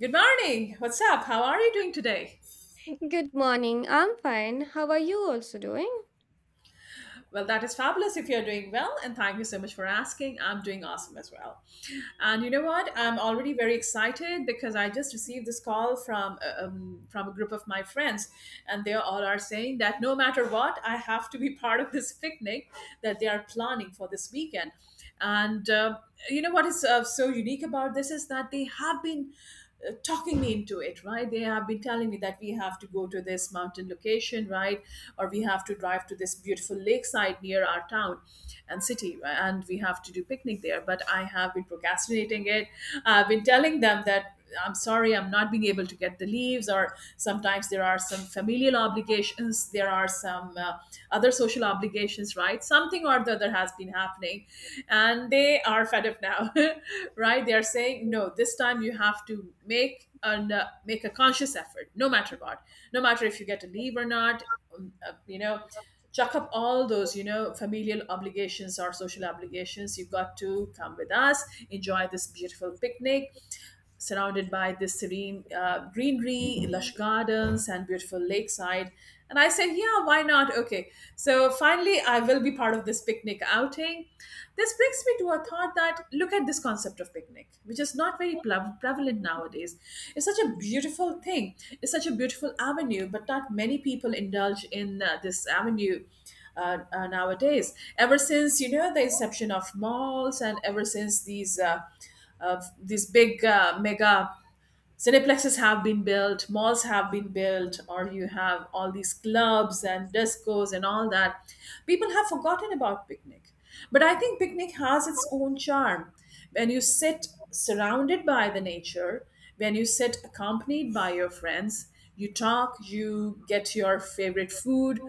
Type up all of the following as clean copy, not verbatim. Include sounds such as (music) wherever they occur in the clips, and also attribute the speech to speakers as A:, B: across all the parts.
A: Good morning. What's up? How are you doing today?
B: Good morning. I'm fine. How are you also doing?
A: Well, that is fabulous if you're doing well, and thank you so much for asking. I'm doing awesome as well. And you know what? I'm already very excited because I just received this call from a group of my friends, and they all are saying that no matter what, I have to be (laughs) part of this picnic that they are planning for this weekend. And you know what is so unique about this is that they have been talking me into it, right? They have been telling me that we have to go to this mountain location, right? Or we have to drive to this beautiful lakeside near our town and city, right? And we have to do picnic there. But I have been procrastinating it. I've been telling them that I'm sorry, I'm not being able to get the leaves, or sometimes there are some familial obligations, there are some other social obligations, right? Something or the other has been happening, and they are fed up now, (laughs) right? They are saying, no, this time you have to make a conscious effort, no matter what, no matter if you get a leave or not, um, uh, you know. Chuck up all those familial obligations or social obligations. You've got to come with us, enjoy this beautiful picnic surrounded by this serene greenery, lush gardens, and beautiful lakeside. And I said, yeah, why not? Okay. So finally, I will be part of this picnic outing. This brings me to a thought that look at this concept of picnic, which is not very prevalent nowadays. It's such a beautiful thing, it's such a beautiful avenue, but not many people indulge in this avenue nowadays. Ever since the inception of malls, and ever since these big mega cineplexes have been built, malls have been built, or you have all these clubs and discos and all that, people have forgotten about picnic. But I think picnic has its own charm. When you sit surrounded by the nature, when you sit accompanied by your friends, you talk, you get your favorite food,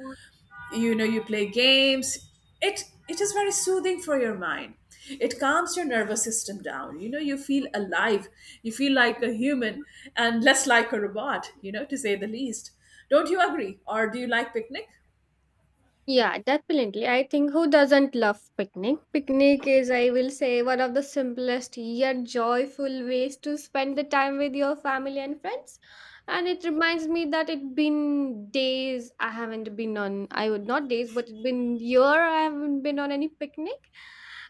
A: you know you play games. It is very soothing for your mind. It calms your nervous system down. You feel alive, you feel like a human and less like a robot, to say the least. Don't you agree? Or do you like picnic?
B: Yeah, definitely. I think who doesn't love picnic? Picnic is, I will say, one of the simplest yet joyful ways to spend the time with your family and friends. And it reminds me that it's been days I haven't been on, I would not days, but it's been year I haven't been on any picnic.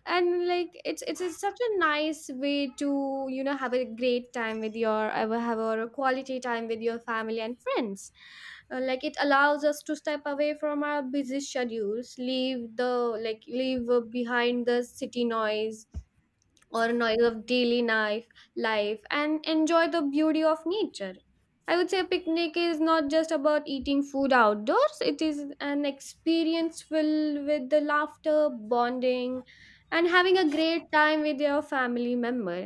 B: And like it's such a nice way to, have a great time with your, have a quality time with your family and friends, like it allows us to step away from our busy schedules, leave the, like leave behind the city noise or noise of daily life and enjoy the beauty of nature. I would say a picnic is not just about eating food outdoors, it is an experience filled with the laughter, bonding, and having a great time with your family member.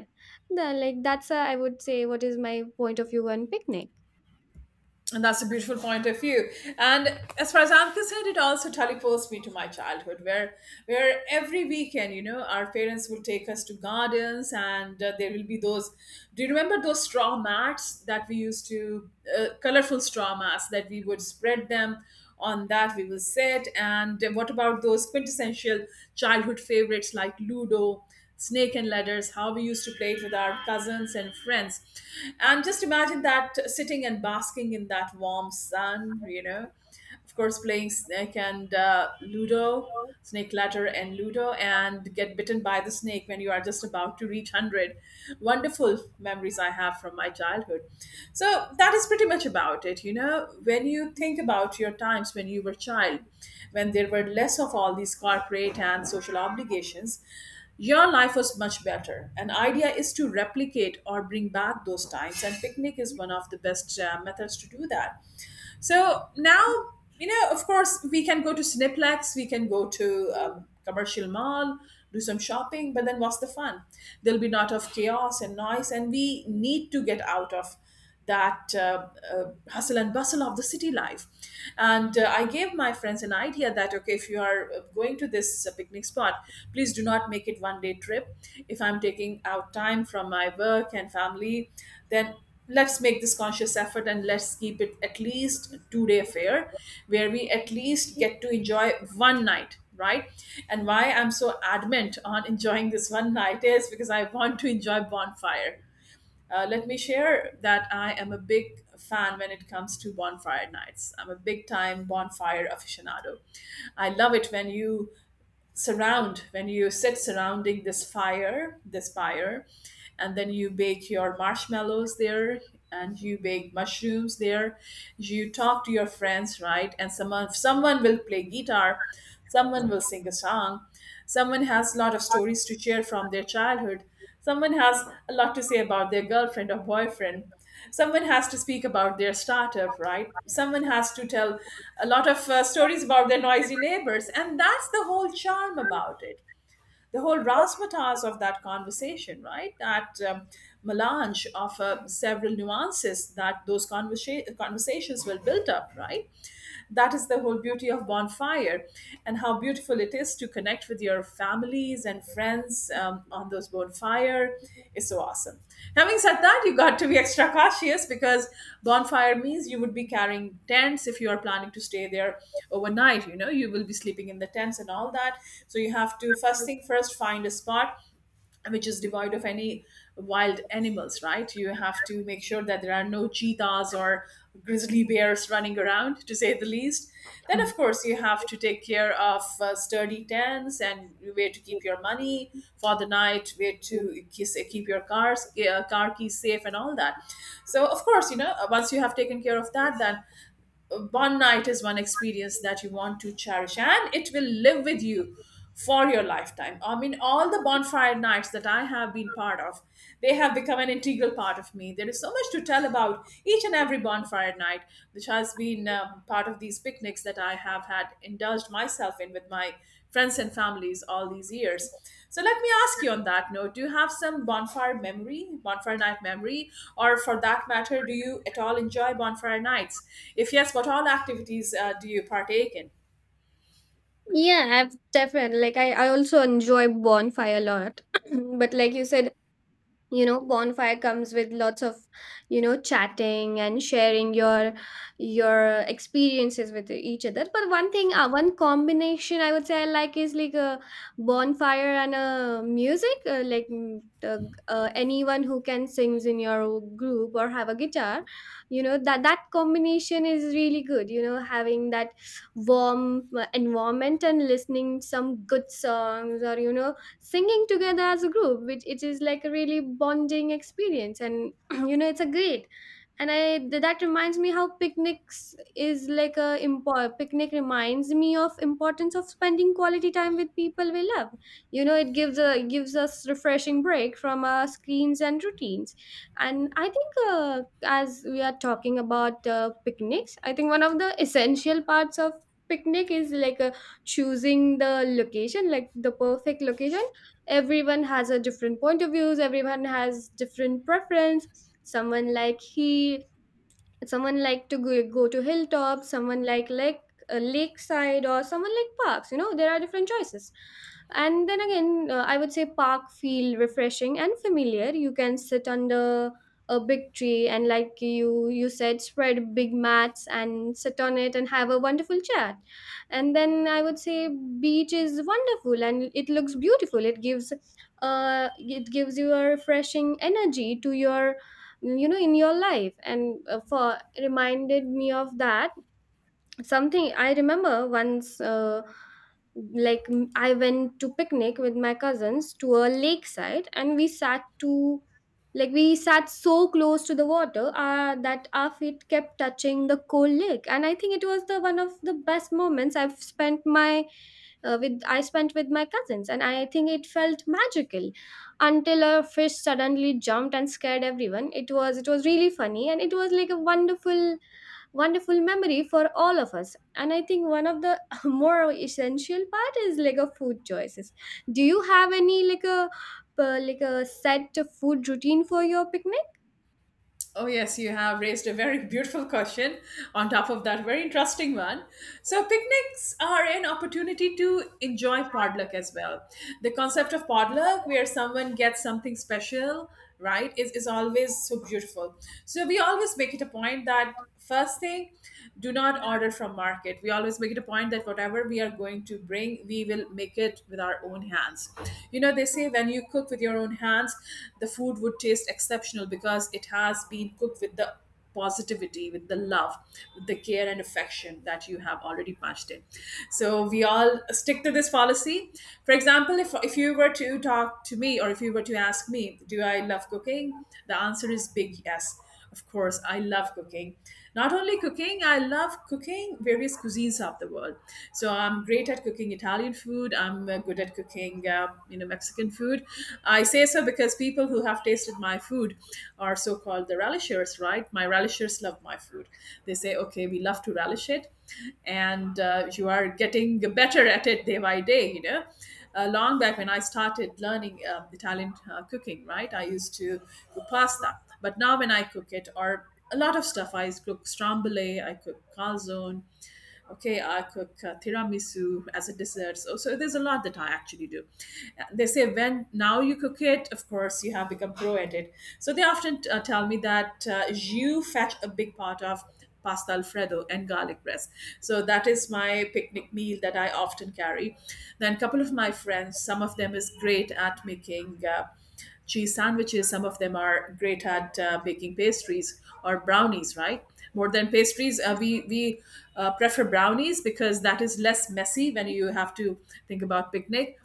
B: The, like that's I would say what is my point of view on picnic.
A: And that's a beautiful point of view. And as far as I'm concerned, it also teleports me to my childhood, where every weekend, our parents will take us to gardens, and there will be those. Do you remember those straw mats that we used colorful straw mats that we would spread them on that we will sit. And what about those quintessential childhood favorites like Ludo, snake and ladders, how we used to play it with our cousins and friends. And just imagine that sitting and basking in that warm sun. Of course, playing snake and Ludo, snake ladder and Ludo, and get bitten by the snake when you are just about to reach 100. Wonderful memories I have from my childhood. So that is pretty much about it. When you think about your times when you were child, when there were less of all these corporate and social obligations, your life was much better. An idea is to replicate or bring back those times, and picnic is one of the best methods to do that. So now, of course, we can go to Cineplex, we can go to commercial mall, do some shopping, but then what's the fun? There'll be lot of chaos and noise, and we need to get out of that hustle and bustle of the city life. And I gave my friends an idea that, okay, if you are going to this picnic spot, please do not make it one day trip. If I'm taking out time from my work and family, then let's make this conscious effort and let's keep it at least a 2-day affair where we at least get to enjoy one night, right? And why I'm so adamant on (laughs) enjoying this one night is because I want to enjoy bonfire. Let me share that I am a big fan when it comes to bonfire nights. I'm a big time bonfire aficionado. I love it when you sit surrounding this fire, this pyre. And then you bake your marshmallows there, and you bake mushrooms there. You talk to your friends, right? And someone will play guitar. Someone will sing a song. Someone has a lot of stories to share from their childhood. Someone has a lot to say about their girlfriend or boyfriend. Someone has to speak about their startup, right? Someone has to tell a lot of stories about their noisy neighbors. And that's the whole charm about it. The whole razzmatazz of that conversation, right? That melange of several nuances that those conversations will build up, right? That is the whole beauty of bonfire. And how beautiful it is to connect with your families and friends on those bonfire is so awesome. Having said that, you got to be extra cautious because bonfire means you would be carrying tents if you are planning to stay there overnight. You know you will be sleeping in the tents and all that. So you have to, first thing first, find a spot which is devoid of any wild animals, right? You have to make sure that there are no cheetahs or grizzly bears running around, to say the least. Then, of course, you have to take care of sturdy tents and where to keep your money for the night, where to keep your car keys safe, and all that. So, of course, once you have taken care of that, then one night is one experience that you want to cherish and it will live with you for your lifetime. I mean, all the bonfire nights that I have been part of, they have become an integral part of me. There is so much to tell about each and every bonfire night, which has been part of these picnics that I have had indulged myself in with my friends and families all these years. So let me ask you on that note, do you have some bonfire memory, bonfire night memory, or for that matter, do you at all enjoy bonfire nights? If yes, what all activities do you partake in?
B: Yeah, I've definitely like I also enjoy bonfire a lot. (clears throat) But like you said, bonfire comes with lots of, chatting and sharing your experiences with each other. But one thing, one combination I would say I like is like a bonfire and a music, anyone who can sings in your group or have a guitar. That that combination is really good. Having that warm environment and listening some good songs, or singing together as a group, which it is like a really bonding experience. And (clears throat) it's a great, and that reminds me how picnics is like a picnic reminds me of importance of spending quality time with people we love. It gives a, gives us refreshing break from our screens and routines. And I think, as we are talking about picnics, I think one of the essential parts of picnic is like a choosing the location, like the perfect location. Everyone has a different point of views, everyone has different preference. someone like he Someone like to go to hilltops, someone like lakeside, or someone like parks. There are different choices. And then again, I would say park feel refreshing and familiar. You can sit under a big tree, and like you said, spread big mats and sit on it and have a wonderful chat. And then I would say beach is wonderful and it looks beautiful. It gives, uh, it gives you a refreshing energy to your, you know, in your life. And for reminded me of that. Something I remember once, I went to picnic with my cousins to a lakeside, and we sat so close to the water, that our feet kept touching the cold lake. And I think it was the one of the best moments I've spent my, with I spent with my cousins, and I think it felt magical until a fish suddenly jumped and scared everyone. It was really funny, and it was like a wonderful memory for all of us. And I think one of the (laughs) more essential part is like a food choices. Do you have any like a, like a set food routine for your picnic?
A: Oh, yes, you have raised a very (laughs) beautiful question on top of that very interesting one. So, picnics are an opportunity to enjoy potluck as well. The concept of potluck, where someone gets something special, right, is always so beautiful. So, we always make it a point that first thing, do not order from market. We always make it a point that whatever we are going to bring, we will make it with our own hands. They say when you cook with your own hands, the food would taste exceptional because it has been cooked with the positivity, with the love, with the care and affection that you have already patched in. So we all stick to this policy. For example, if you were to talk to me or if you were to ask me, do I love cooking? The answer is big yes. Of course, I love cooking. Not only cooking, I love cooking various cuisines of the world. So I'm great at cooking Italian food. I'm good at cooking, Mexican food. I say so because people who have tasted my food are so-called the relishers, right? My relishers love my food. They say, okay, we love to relish it, and you are getting better at it day by day. Long back when I started learning Italian cooking, right? I used to cook pasta. But now when I cook it, or a lot of stuff, I cook strambole, I cook calzone, okay, I cook tiramisu as a dessert. So there's a lot that I actually do. They say when now you cook it, of course you have become pro at it. So they often tell me that you fetch a big part of pasta alfredo and garlic breast. So that is my picnic meal that I often carry. Then a couple of my friends, some of them is great at making cheese sandwiches. Some of them are great at baking pastries or brownies, right? More than pastries, we prefer brownies because that is less messy when you have to think about picnic.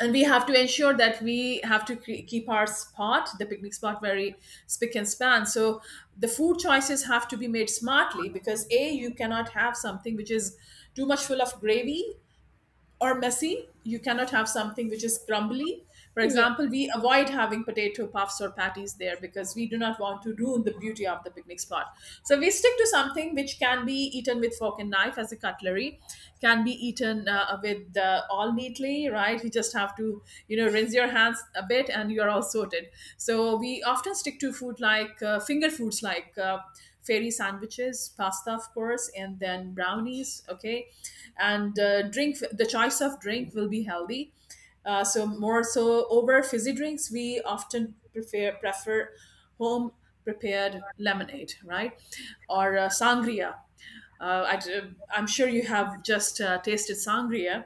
A: And we have to ensure that we have to keep our spot, the picnic spot, very spick and span. So the food choices have to be made smartly because a you cannot have something which is too much full of gravy or messy. You cannot have something which is crumbly. For
B: Yeah.
A: example, we avoid having potato puffs or patties there because we do not want to ruin the beauty of the picnic spot. So we stick to something which can be eaten with fork and knife as a cutlery, can be eaten with all neatly, right? You just have to, you know, rinse your hands a bit and you're all sorted. So we often stick to food like finger foods like, fairy sandwiches, pasta, of course, and then brownies. Okay, and drink. The choice of drink will be healthy. So more so over fizzy drinks, we often prefer home prepared lemonade, right, or sangria. I am sure you have just tasted sangria,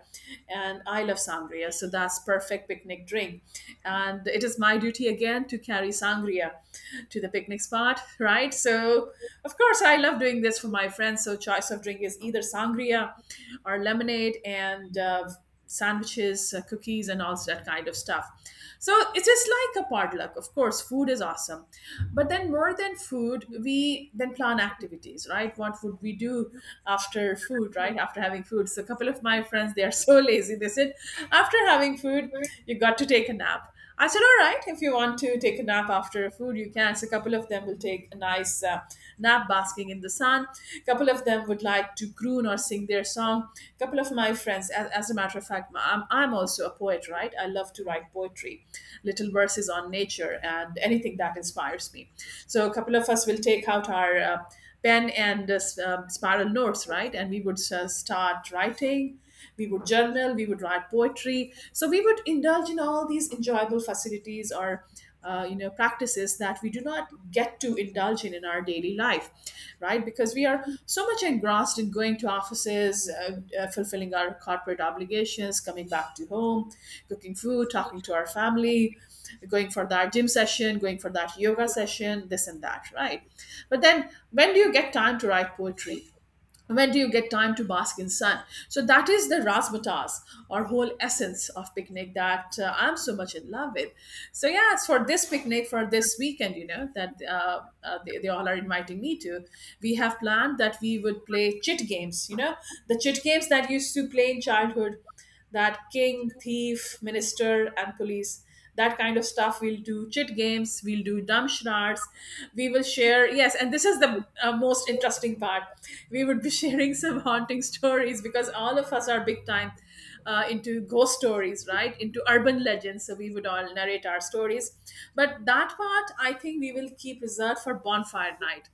A: and I love sangria, so that's perfect picnic drink. And it is my duty again to carry sangria to the picnic spot, right? So, of course, I love doing this for my friends. So, choice of drink is either sangria or lemonade and sandwiches, cookies, and all that kind of stuff. So it is like a potluck. Of course, food is awesome. But then, more than food, we then plan activities, right? What would we do after food, right? After having food. So, a couple of my friends, they are so (laughs) lazy. They said, after having food, you got to take a nap. I said, all right, if you want to take a nap after food, you can. So a couple of them will take a nice nap basking in the sun. A couple of them would like to croon or sing their song. A couple of my friends, as a matter of fact, I'm also a poet, right? I love to write poetry, little verses on nature and anything that inspires me. So a couple of us will take out our pen and spiral notes, right? And we would start writing. We would journal, we would write poetry, so we would indulge in all these enjoyable facilities or you know practices that we do not get to indulge in our daily life, right, because we are so much engrossed in going to offices, fulfilling our corporate obligations, coming back to home, cooking food, talking to our family, going for that gym session, going for that yoga session, this and that, right? But then when do you get time to write poetry? When do you get time to bask in sun? So that is the razzmatazz or whole essence of picnic that I'm so much in love with. So yeah, it's for this picnic for this weekend, you know, that they all are inviting me to. We have planned that we would play chit games, you know, the chit games that used to play in childhood, that king, thief, minister, and police. That kind of stuff we'll do. Chit games, we'll do dumb charades. We will share, yes, and this is the most interesting part. We would be (laughs) sharing some haunting stories because all of us are big time into ghost stories, right? Into urban legends. So we would all narrate our stories. But that part, I think we will keep reserved for bonfire night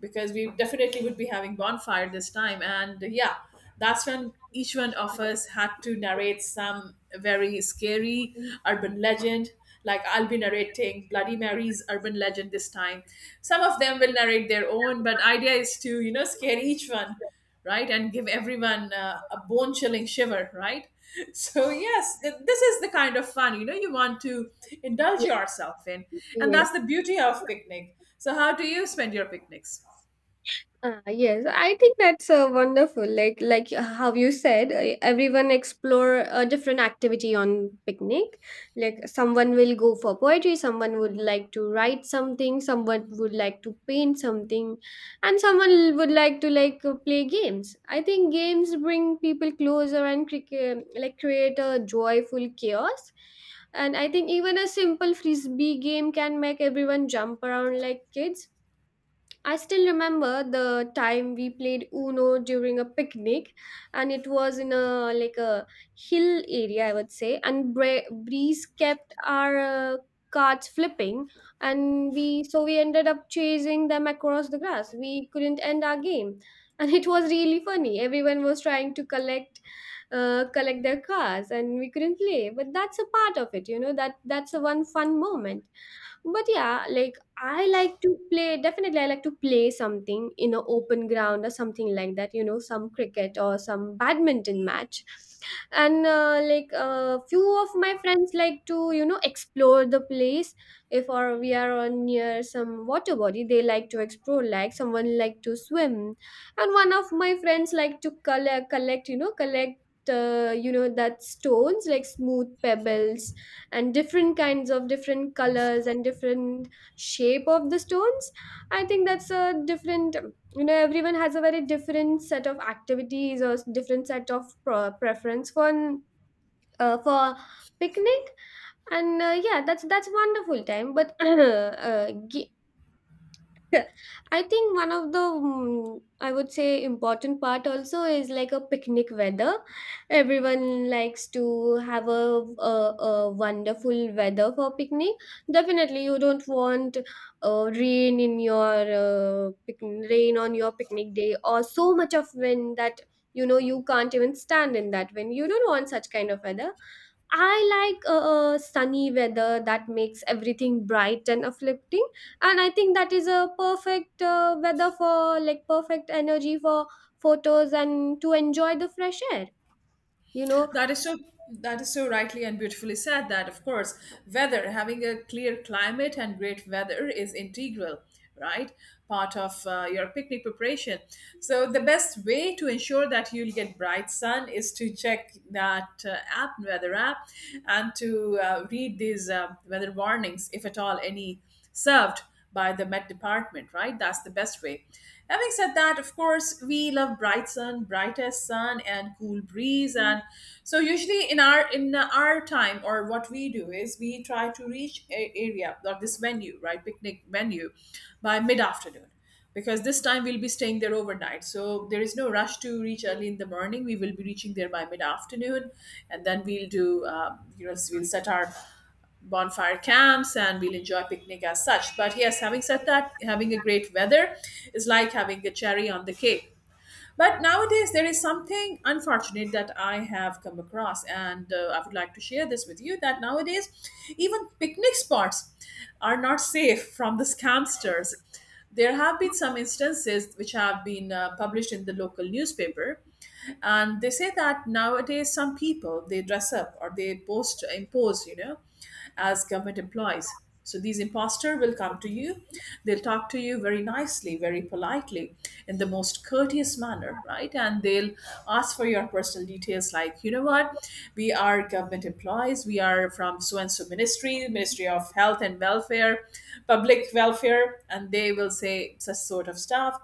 A: because we definitely would be having bonfire this time and yeah, that's when each one of us had to narrate some very scary urban legend. Like I'll be narrating bloody mary's urban legend this time. Some of them will narrate their own, but idea is to, you know, scare each one, right, and give everyone a bone chilling shiver, right? (laughs) So yes, this is the kind of fun, you know, you want to indulge
B: Yeah.
A: yourself in. And
B: Yes.
A: that's the beauty of picnic. So how do you spend your picnics?
B: Yes, I think that's wonderful. Like how you said, everyone explore a different activity on picnic. Like someone will go for poetry, someone would like to write something, someone would like to paint something, and someone would like to play games. I think games bring people closer and create a joyful chaos. And I think even a simple frisbee game can make everyone jump around like kids. I still remember the time we played Uno during a picnic, and it was in a like a hill area, I would say. And breeze kept our cards flipping, and we ended up chasing them across the grass. We couldn't end our game, (laughs) and it was really funny. Everyone was trying to collect their cards, and we couldn't play. But that's a part of it, you know. That's a one fun moment. But yeah, like I like to play definitely. I like to play something in an open ground or something like that, you know, some cricket or some badminton match. And like a few of my friends like to, you know, explore the place. If or we are on near some water body, they like to explore. Like someone like to swim, and one of my friends like to collect, you know, that stones, like smooth pebbles and different kinds of different colors and different shape of the stones. I think that's a different, you know, everyone has a very different set of activities or different set of preference for, for picnic. And yeah, that's wonderful time. But (clears throat) (laughs) I think one of the, I would say important part also is like a picnic weather. Everyone likes to have a wonderful weather for picnic. Definitely, you don't want rain in your, rain on your picnic day, or so much of wind that you know you can't even stand in that wind. You don't want such kind of weather. I like sunny weather that makes everything bright and uplifting, and I think that is a perfect weather for, like, perfect energy for photos and to enjoy the fresh air. You know,
A: That is so, that is so rightly and beautifully said, that of course weather, having a clear climate and great weather, is integral, right, part of your picnic preparation. So the best way to ensure that you'll get bright sun is to check that app, weather app, and to read these weather warnings, if at all any served by the Met Department, right? That's the best way. Having said that, of course, we love bright sun, brightest sun, and cool breeze. And so, usually in our time, or what we do is we try to reach a area of this venue, right, picnic venue, by mid afternoon, because this time we'll be staying there overnight. So there is no rush to reach early in the morning. We will be reaching there by mid afternoon, and then we'll do, you know, we'll set our bonfire camps and we'll enjoy picnic as such. But yes, having said that, having a great weather is like having a cherry on the cake. But nowadays, there is something unfortunate that I have come across, and I would like to share this with you that nowadays, even picnic spots are not safe from the scamsters. There have been some instances which have been published in the local newspaper, and they say that nowadays some people, they dress up or they post impose, you know, as government employees. So these imposter will come to you. They'll talk to you very nicely, very politely, in the most courteous manner, right? And they'll ask for your personal details, like, you know what, we are government employees. We are from so and so ministry, Ministry of Health and Welfare, Public Welfare, and they will say such sort of stuff,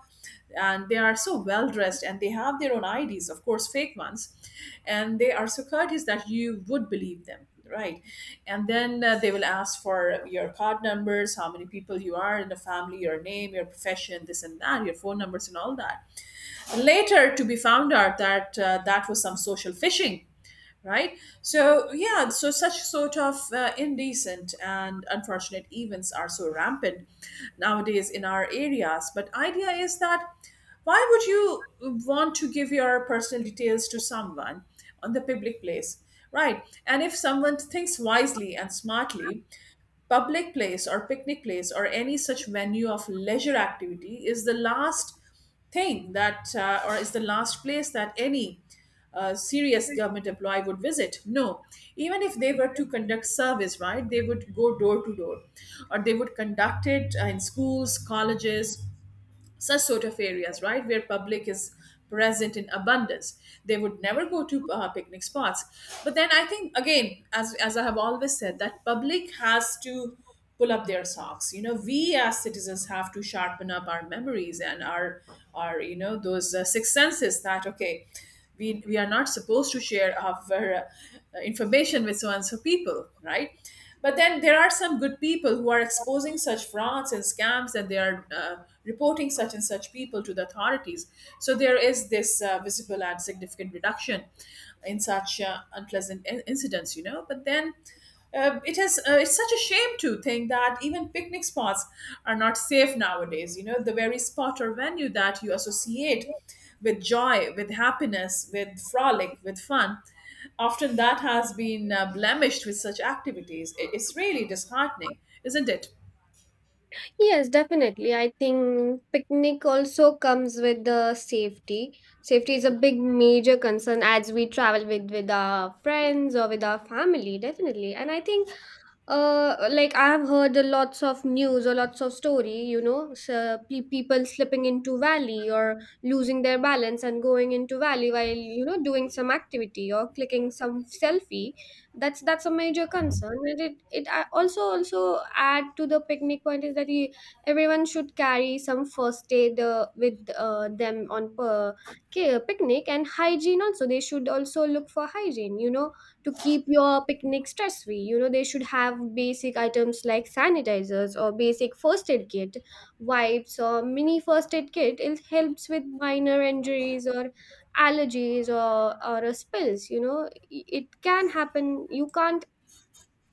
A: and they are so well dressed and they have their own IDs, of course, fake ones, and they are so courteous that you would believe them, right? And then they will ask for your card numbers, how many people you are in the family, your name, your profession, this and that, your phone numbers, and all that. Later, to be found out that that was some social phishing, right? So yeah, so such sort of indecent and unfortunate events are so rampant nowadays in our areas. But idea is that why would you want to give your personal details to someone on the public place, right? And if someone thinks wisely and smartly, public place or picnic place or any such venue of leisure activity is the last thing that or is the last place that any serious government employee would visit. No, even if they were to conduct service, right, they would go door to door, or they would conduct it in schools, colleges, such sort of areas, right, where public is present in abundance. They would never go to picnic spots. But then I think again, as I have always said, that public has to pull up their socks. You know, we as citizens have to sharpen up our memories and our you know those six senses that okay. We are not supposed to share our information with so and so people, right? But then there are some good people who are exposing such frauds and scams, and they are reporting such and such people to the authorities. So there is this visible and significant reduction in such unpleasant incidents, you know. But then it's such a shame to think that even picnic spots are not safe nowadays. You know, the very spot or venue that you associate with joy, with happiness, with frolic, with fun. Often that has been blemished with such activities. It's really disheartening, isn't it?
B: yes, definitely. I think picnic also comes with the safety. Safety is a big major concern as we travel with our friends or with our family, definitely. And I think, uh, like I have heard a lots of news or lots of story, you know, so people slipping into valley or losing their balance and going into valley while you know doing some activity or clicking some selfie. That's a major concern. And it I also also add to the picnic point is that you, everyone should carry some first aid with them on per, picnic, and hygiene also. They should also look for hygiene. You know, to keep your picnic stress free. You know, they should have basic items like sanitizers or basic first aid kit, wipes or mini first aid kit. It helps with minor injuries or allergies or a spills. You know it can happen, you can't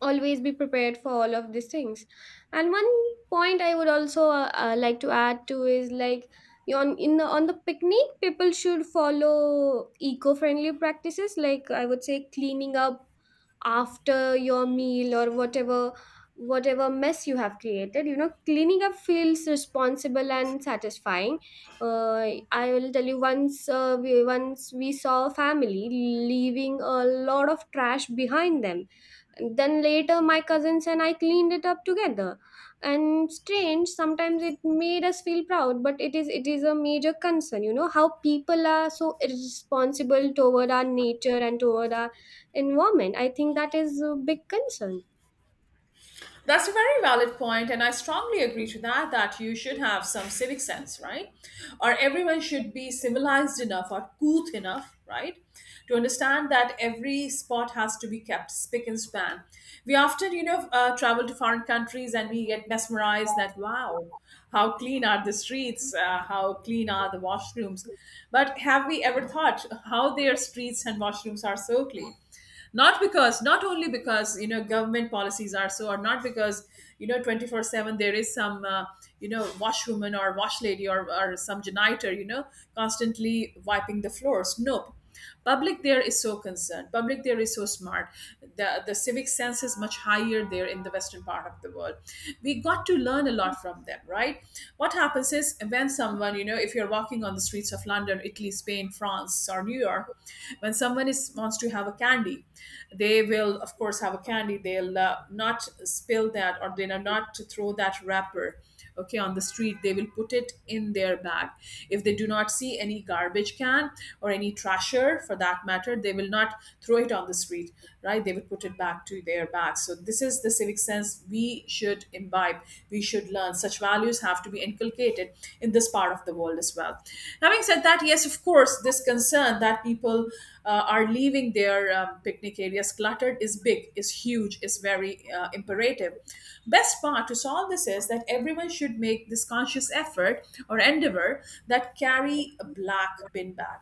B: always be prepared for all of these things. And one point I would also like to add to is like you on, in the on the picnic, people should follow eco-friendly practices, like I would say cleaning up after your meal, or whatever mess you have created. You know, cleaning up feels responsible and satisfying. uh, I will tell you once, we once we saw a family leaving a lot of trash behind them. Then later my cousins and I cleaned it up together. And strange, sometimes it made us feel proud, but it is a major concern. You know how people are so irresponsible toward our nature and toward our environment. I think that is a big concern.
A: That's a very valid point, and I strongly agree to that. That you should have some civic sense, right? Or everyone should be civilized enough or couth enough, right, to understand that every spot has to be kept spick and span. We often, you know, travel to foreign countries and we get mesmerized that wow, how clean are the streets, how clean are the washrooms. But have we ever thought how their streets and washrooms are so clean? Not because, not only because, you know, government policies are so, or not because you know 24/7 there is some you know washwoman or wash lady, or some janitor, you know, constantly wiping the floors. Nope. Public there is so concerned, public there is so smart. The civic sense is much higher there in the western part of the world. We got to learn a lot from them, right? What happens is, when someone, you know, if you're walking on the streets of London, Italy, Spain, France, or New York, when someone is wants to have a candy, they will of course have a candy. They'll not spill that, or they'll not to throw that wrapper. Okay, on the street, they will put it in their bag. If they do not see any garbage can or any trasher for that matter, they will not throw it on the street, right? They will put it back to their bag. So this is the civic sense we should imbibe. We should learn. Such values have to be inculcated in this part of the world as well. Having said that, yes, of course, this concern that people are leaving their picnic areas cluttered is big, is huge, is very imperative. Best part to solve this is that everyone should make this conscious effort or endeavor, that carry a black bin bag.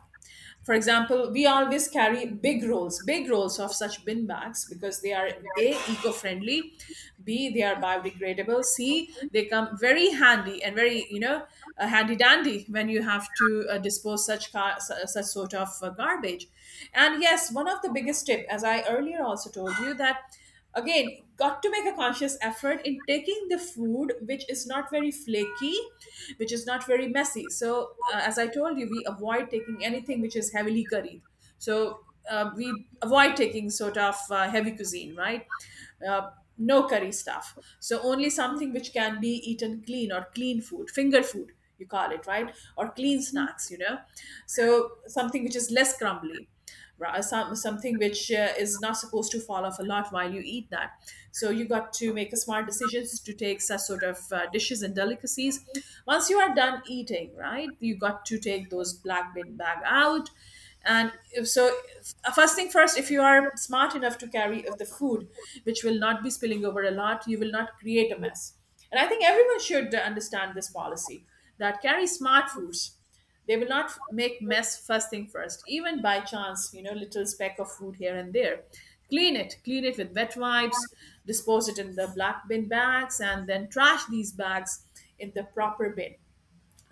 A: For example, we always carry big rolls of such bin bags because they are A, eco friendly, B, they are biodegradable, C, they come very handy and very, you know, handy dandy when you have to dispose such, such sort of garbage. And yes, one of the biggest tip, as I earlier also told you, that again got to make a conscious effort in taking the food which is not very flaky, which is not very messy. So as I told you, we avoid taking anything which is heavily curried. So we avoid taking sort of heavy cuisine, right? uh, no curry stuff. So only something which can be eaten clean, or clean food, finger food, you call it, right? Or clean snacks, you know. So something which is less crumbly, some, something which is not supposed to fall off a lot while you eat that. So you got to make a smart decisions to take such sort of dishes and delicacies. Once you are done eating, right, you got to take those black bin bag out. And if so, first thing first, if you are smart enough to carry of the food, which will not be spilling over a lot, you will not create a mess. And I think everyone should understand this policy that carry smart foods, they will not make mess. First thing first, even by chance, you know, little speck of food here and there. Clean it with wet wipes, dispose it in the black bin bags, and then trash these bags in the proper bin,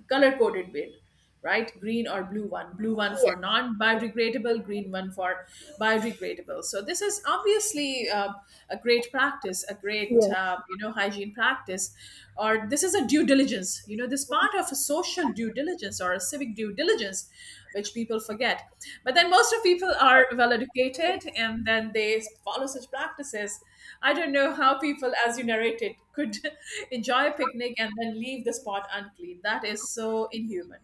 A: color coded bin, right? Green or blue one. Blue one for non biodegradable, green one for biodegradable. So this is obviously a great practice, a great you know, hygiene practice. Or this is a due diligence, you know, this part of a social due diligence or a civic due diligence, which people forget. But then most of people are well educated and then they follow such practices. I don't know how people, as you narrated, could (laughs) enjoy a picnic and then leave the spot unclean. That is so inhuman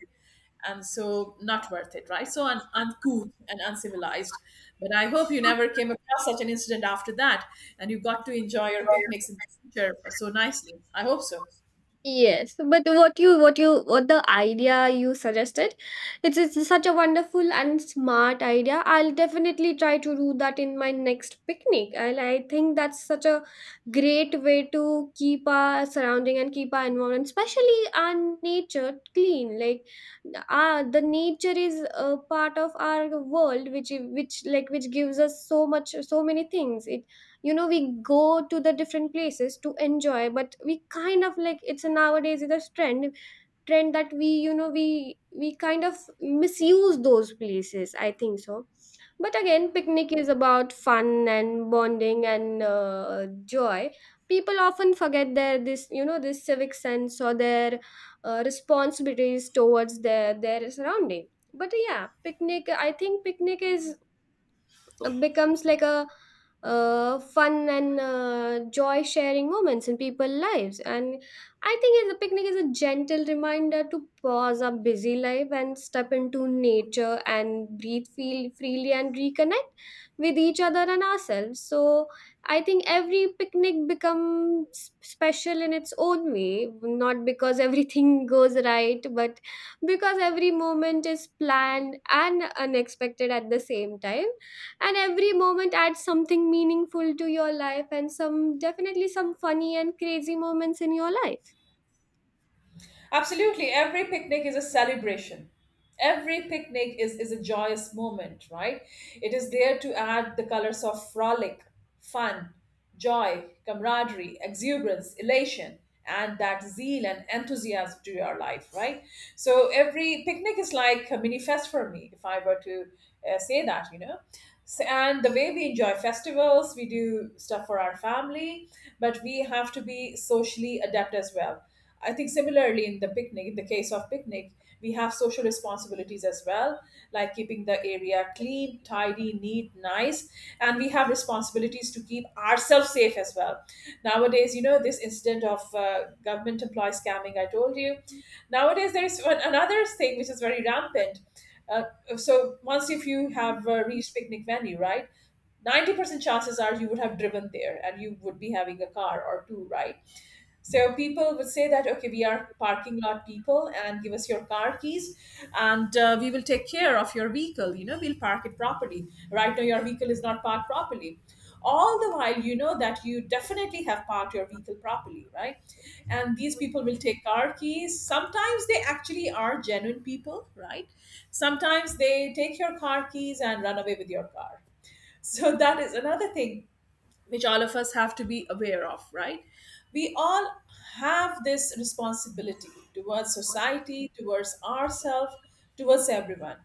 A: and so not worth it, right? So uncool and uncivilized. But I hope you never came across such an incident after that, and you got to enjoy your picnics in the future so nicely. I hope so.
B: Yes, but what the idea you suggested, it's such a wonderful and smart idea. I'll definitely try to do that in my next picnic. And I think that's such a great way to keep our surrounding and keep our environment, especially our nature, clean. Like, the nature is a part of our world, which which gives us so much, so many things. It, you know, we go to the different places to enjoy, but we kind of like, it's a, nowadays it's a trend that we you know we kind of misuse those places, I think so. But again, picnic is about fun and bonding and joy. People often forget their this, you know, this civic sense, or their responsibilities towards their surrounding. But yeah, picnic, I think picnic is, becomes like a fun and joy sharing moments in people's lives. And I think is a, picnic is a gentle reminder to pause our busy life and step into nature and breathe, feel freely and reconnect with each other and ourselves. So I think every picnic becomes special in its own way, not because (laughs) everything goes right, but because every moment is planned and unexpected at the same time. And every moment adds something meaningful to your life and some, definitely some funny and crazy moments in your life.
A: Absolutely. Every picnic is a celebration. Every picnic is a joyous moment, right? It is there to add the colors of frolic, fun, joy, camaraderie, exuberance, elation, and that zeal and enthusiasm to your life, right? So every picnic is like a mini fest for me, if I were to say that, you know. So, and the way we enjoy festivals, we do stuff for our family, but we have to be socially adept as well. I think similarly in the picnic, in the case of picnic, we have social responsibilities as well, like keeping the area clean, tidy, neat, nice, and we have responsibilities to keep ourselves safe as well. Nowadays, you know, this incident of government employee scamming I told you. Nowadays, there is one, another thing which is very rampant. Uh, so once if you have reached picnic venue, right? 90% chances are you would have driven there, and you would be having a car or two, right? So people would say that, okay, we are parking lot people, and give us your car keys and we will take care of your vehicle. You know, we'll park it properly. Right now, your vehicle is not parked properly. All the while, you know that you definitely have parked your vehicle properly, right? And these people will take car keys. Sometimes they actually are genuine people, right? Sometimes they take your car keys and run away with your car. So that is another thing which all of us have to be aware of, right? We all have this responsibility towards society, towards ourselves, towards everyone.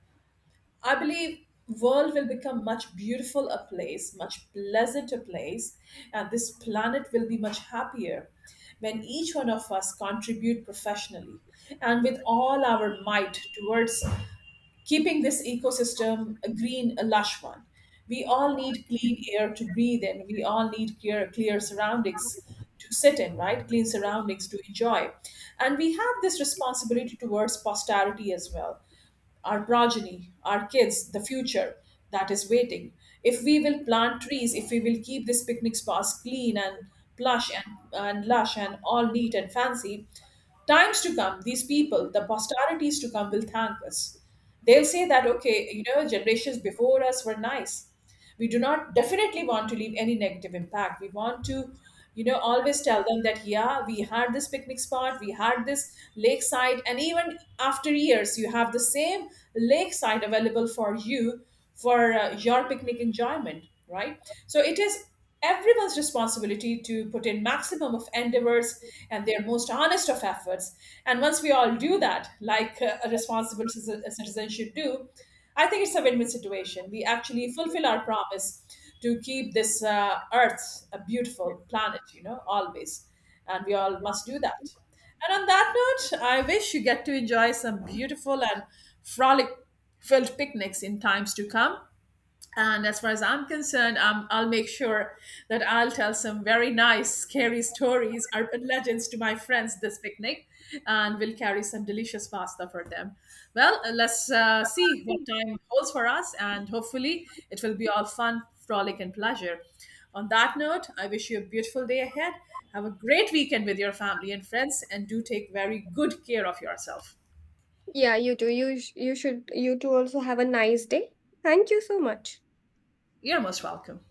A: I believe world will become much beautiful a place, much pleasanter place, and this planet will be much happier when each one of us contribute professionally and with all our might towards keeping this ecosystem a green, a lush one. We all need clean air to breathe in. We all need clear, clear surroundings to sit in, right? Clean surroundings to enjoy. And we have this responsibility towards posterity as well, our progeny, our kids, the future that is waiting. If we will plant trees, if we will keep this picnic spots clean and plush, and lush and all neat and fancy, times to come, these people, the posterities to come, will thank us. They'll say that, okay, you know, generations before us were nice. We do not definitely want to leave any negative impact. We want to, you know, always tell them that, yeah, we had this picnic spot, we had this lakeside, and even after years, you have the same lakeside available for you for your picnic enjoyment, right? So it is everyone's responsibility to put in maximum of endeavors and their most honest of efforts. And once we all do that, like a responsible citizen, a citizen should do, I think it's a win-win situation. We actually fulfill our promise to keep this earth a beautiful planet, you know, always. And we all must do that. And on that note, I wish you get to enjoy some beautiful and frolic filled picnics in times to come. And as far as I'm concerned, I'll make sure that I'll tell some very nice, scary stories or legends to my friends this picnic, and we'll carry some delicious pasta for them. Well, let's see what time holds for us, and hopefully, it will be all fun, frolic, and pleasure. On that note, I wish you a beautiful day ahead. Have a great weekend with your family and friends, and do take very good care of yourself.
B: Yeah, you too. You should, you too also have a nice day. Thank you so much.
A: You're most welcome.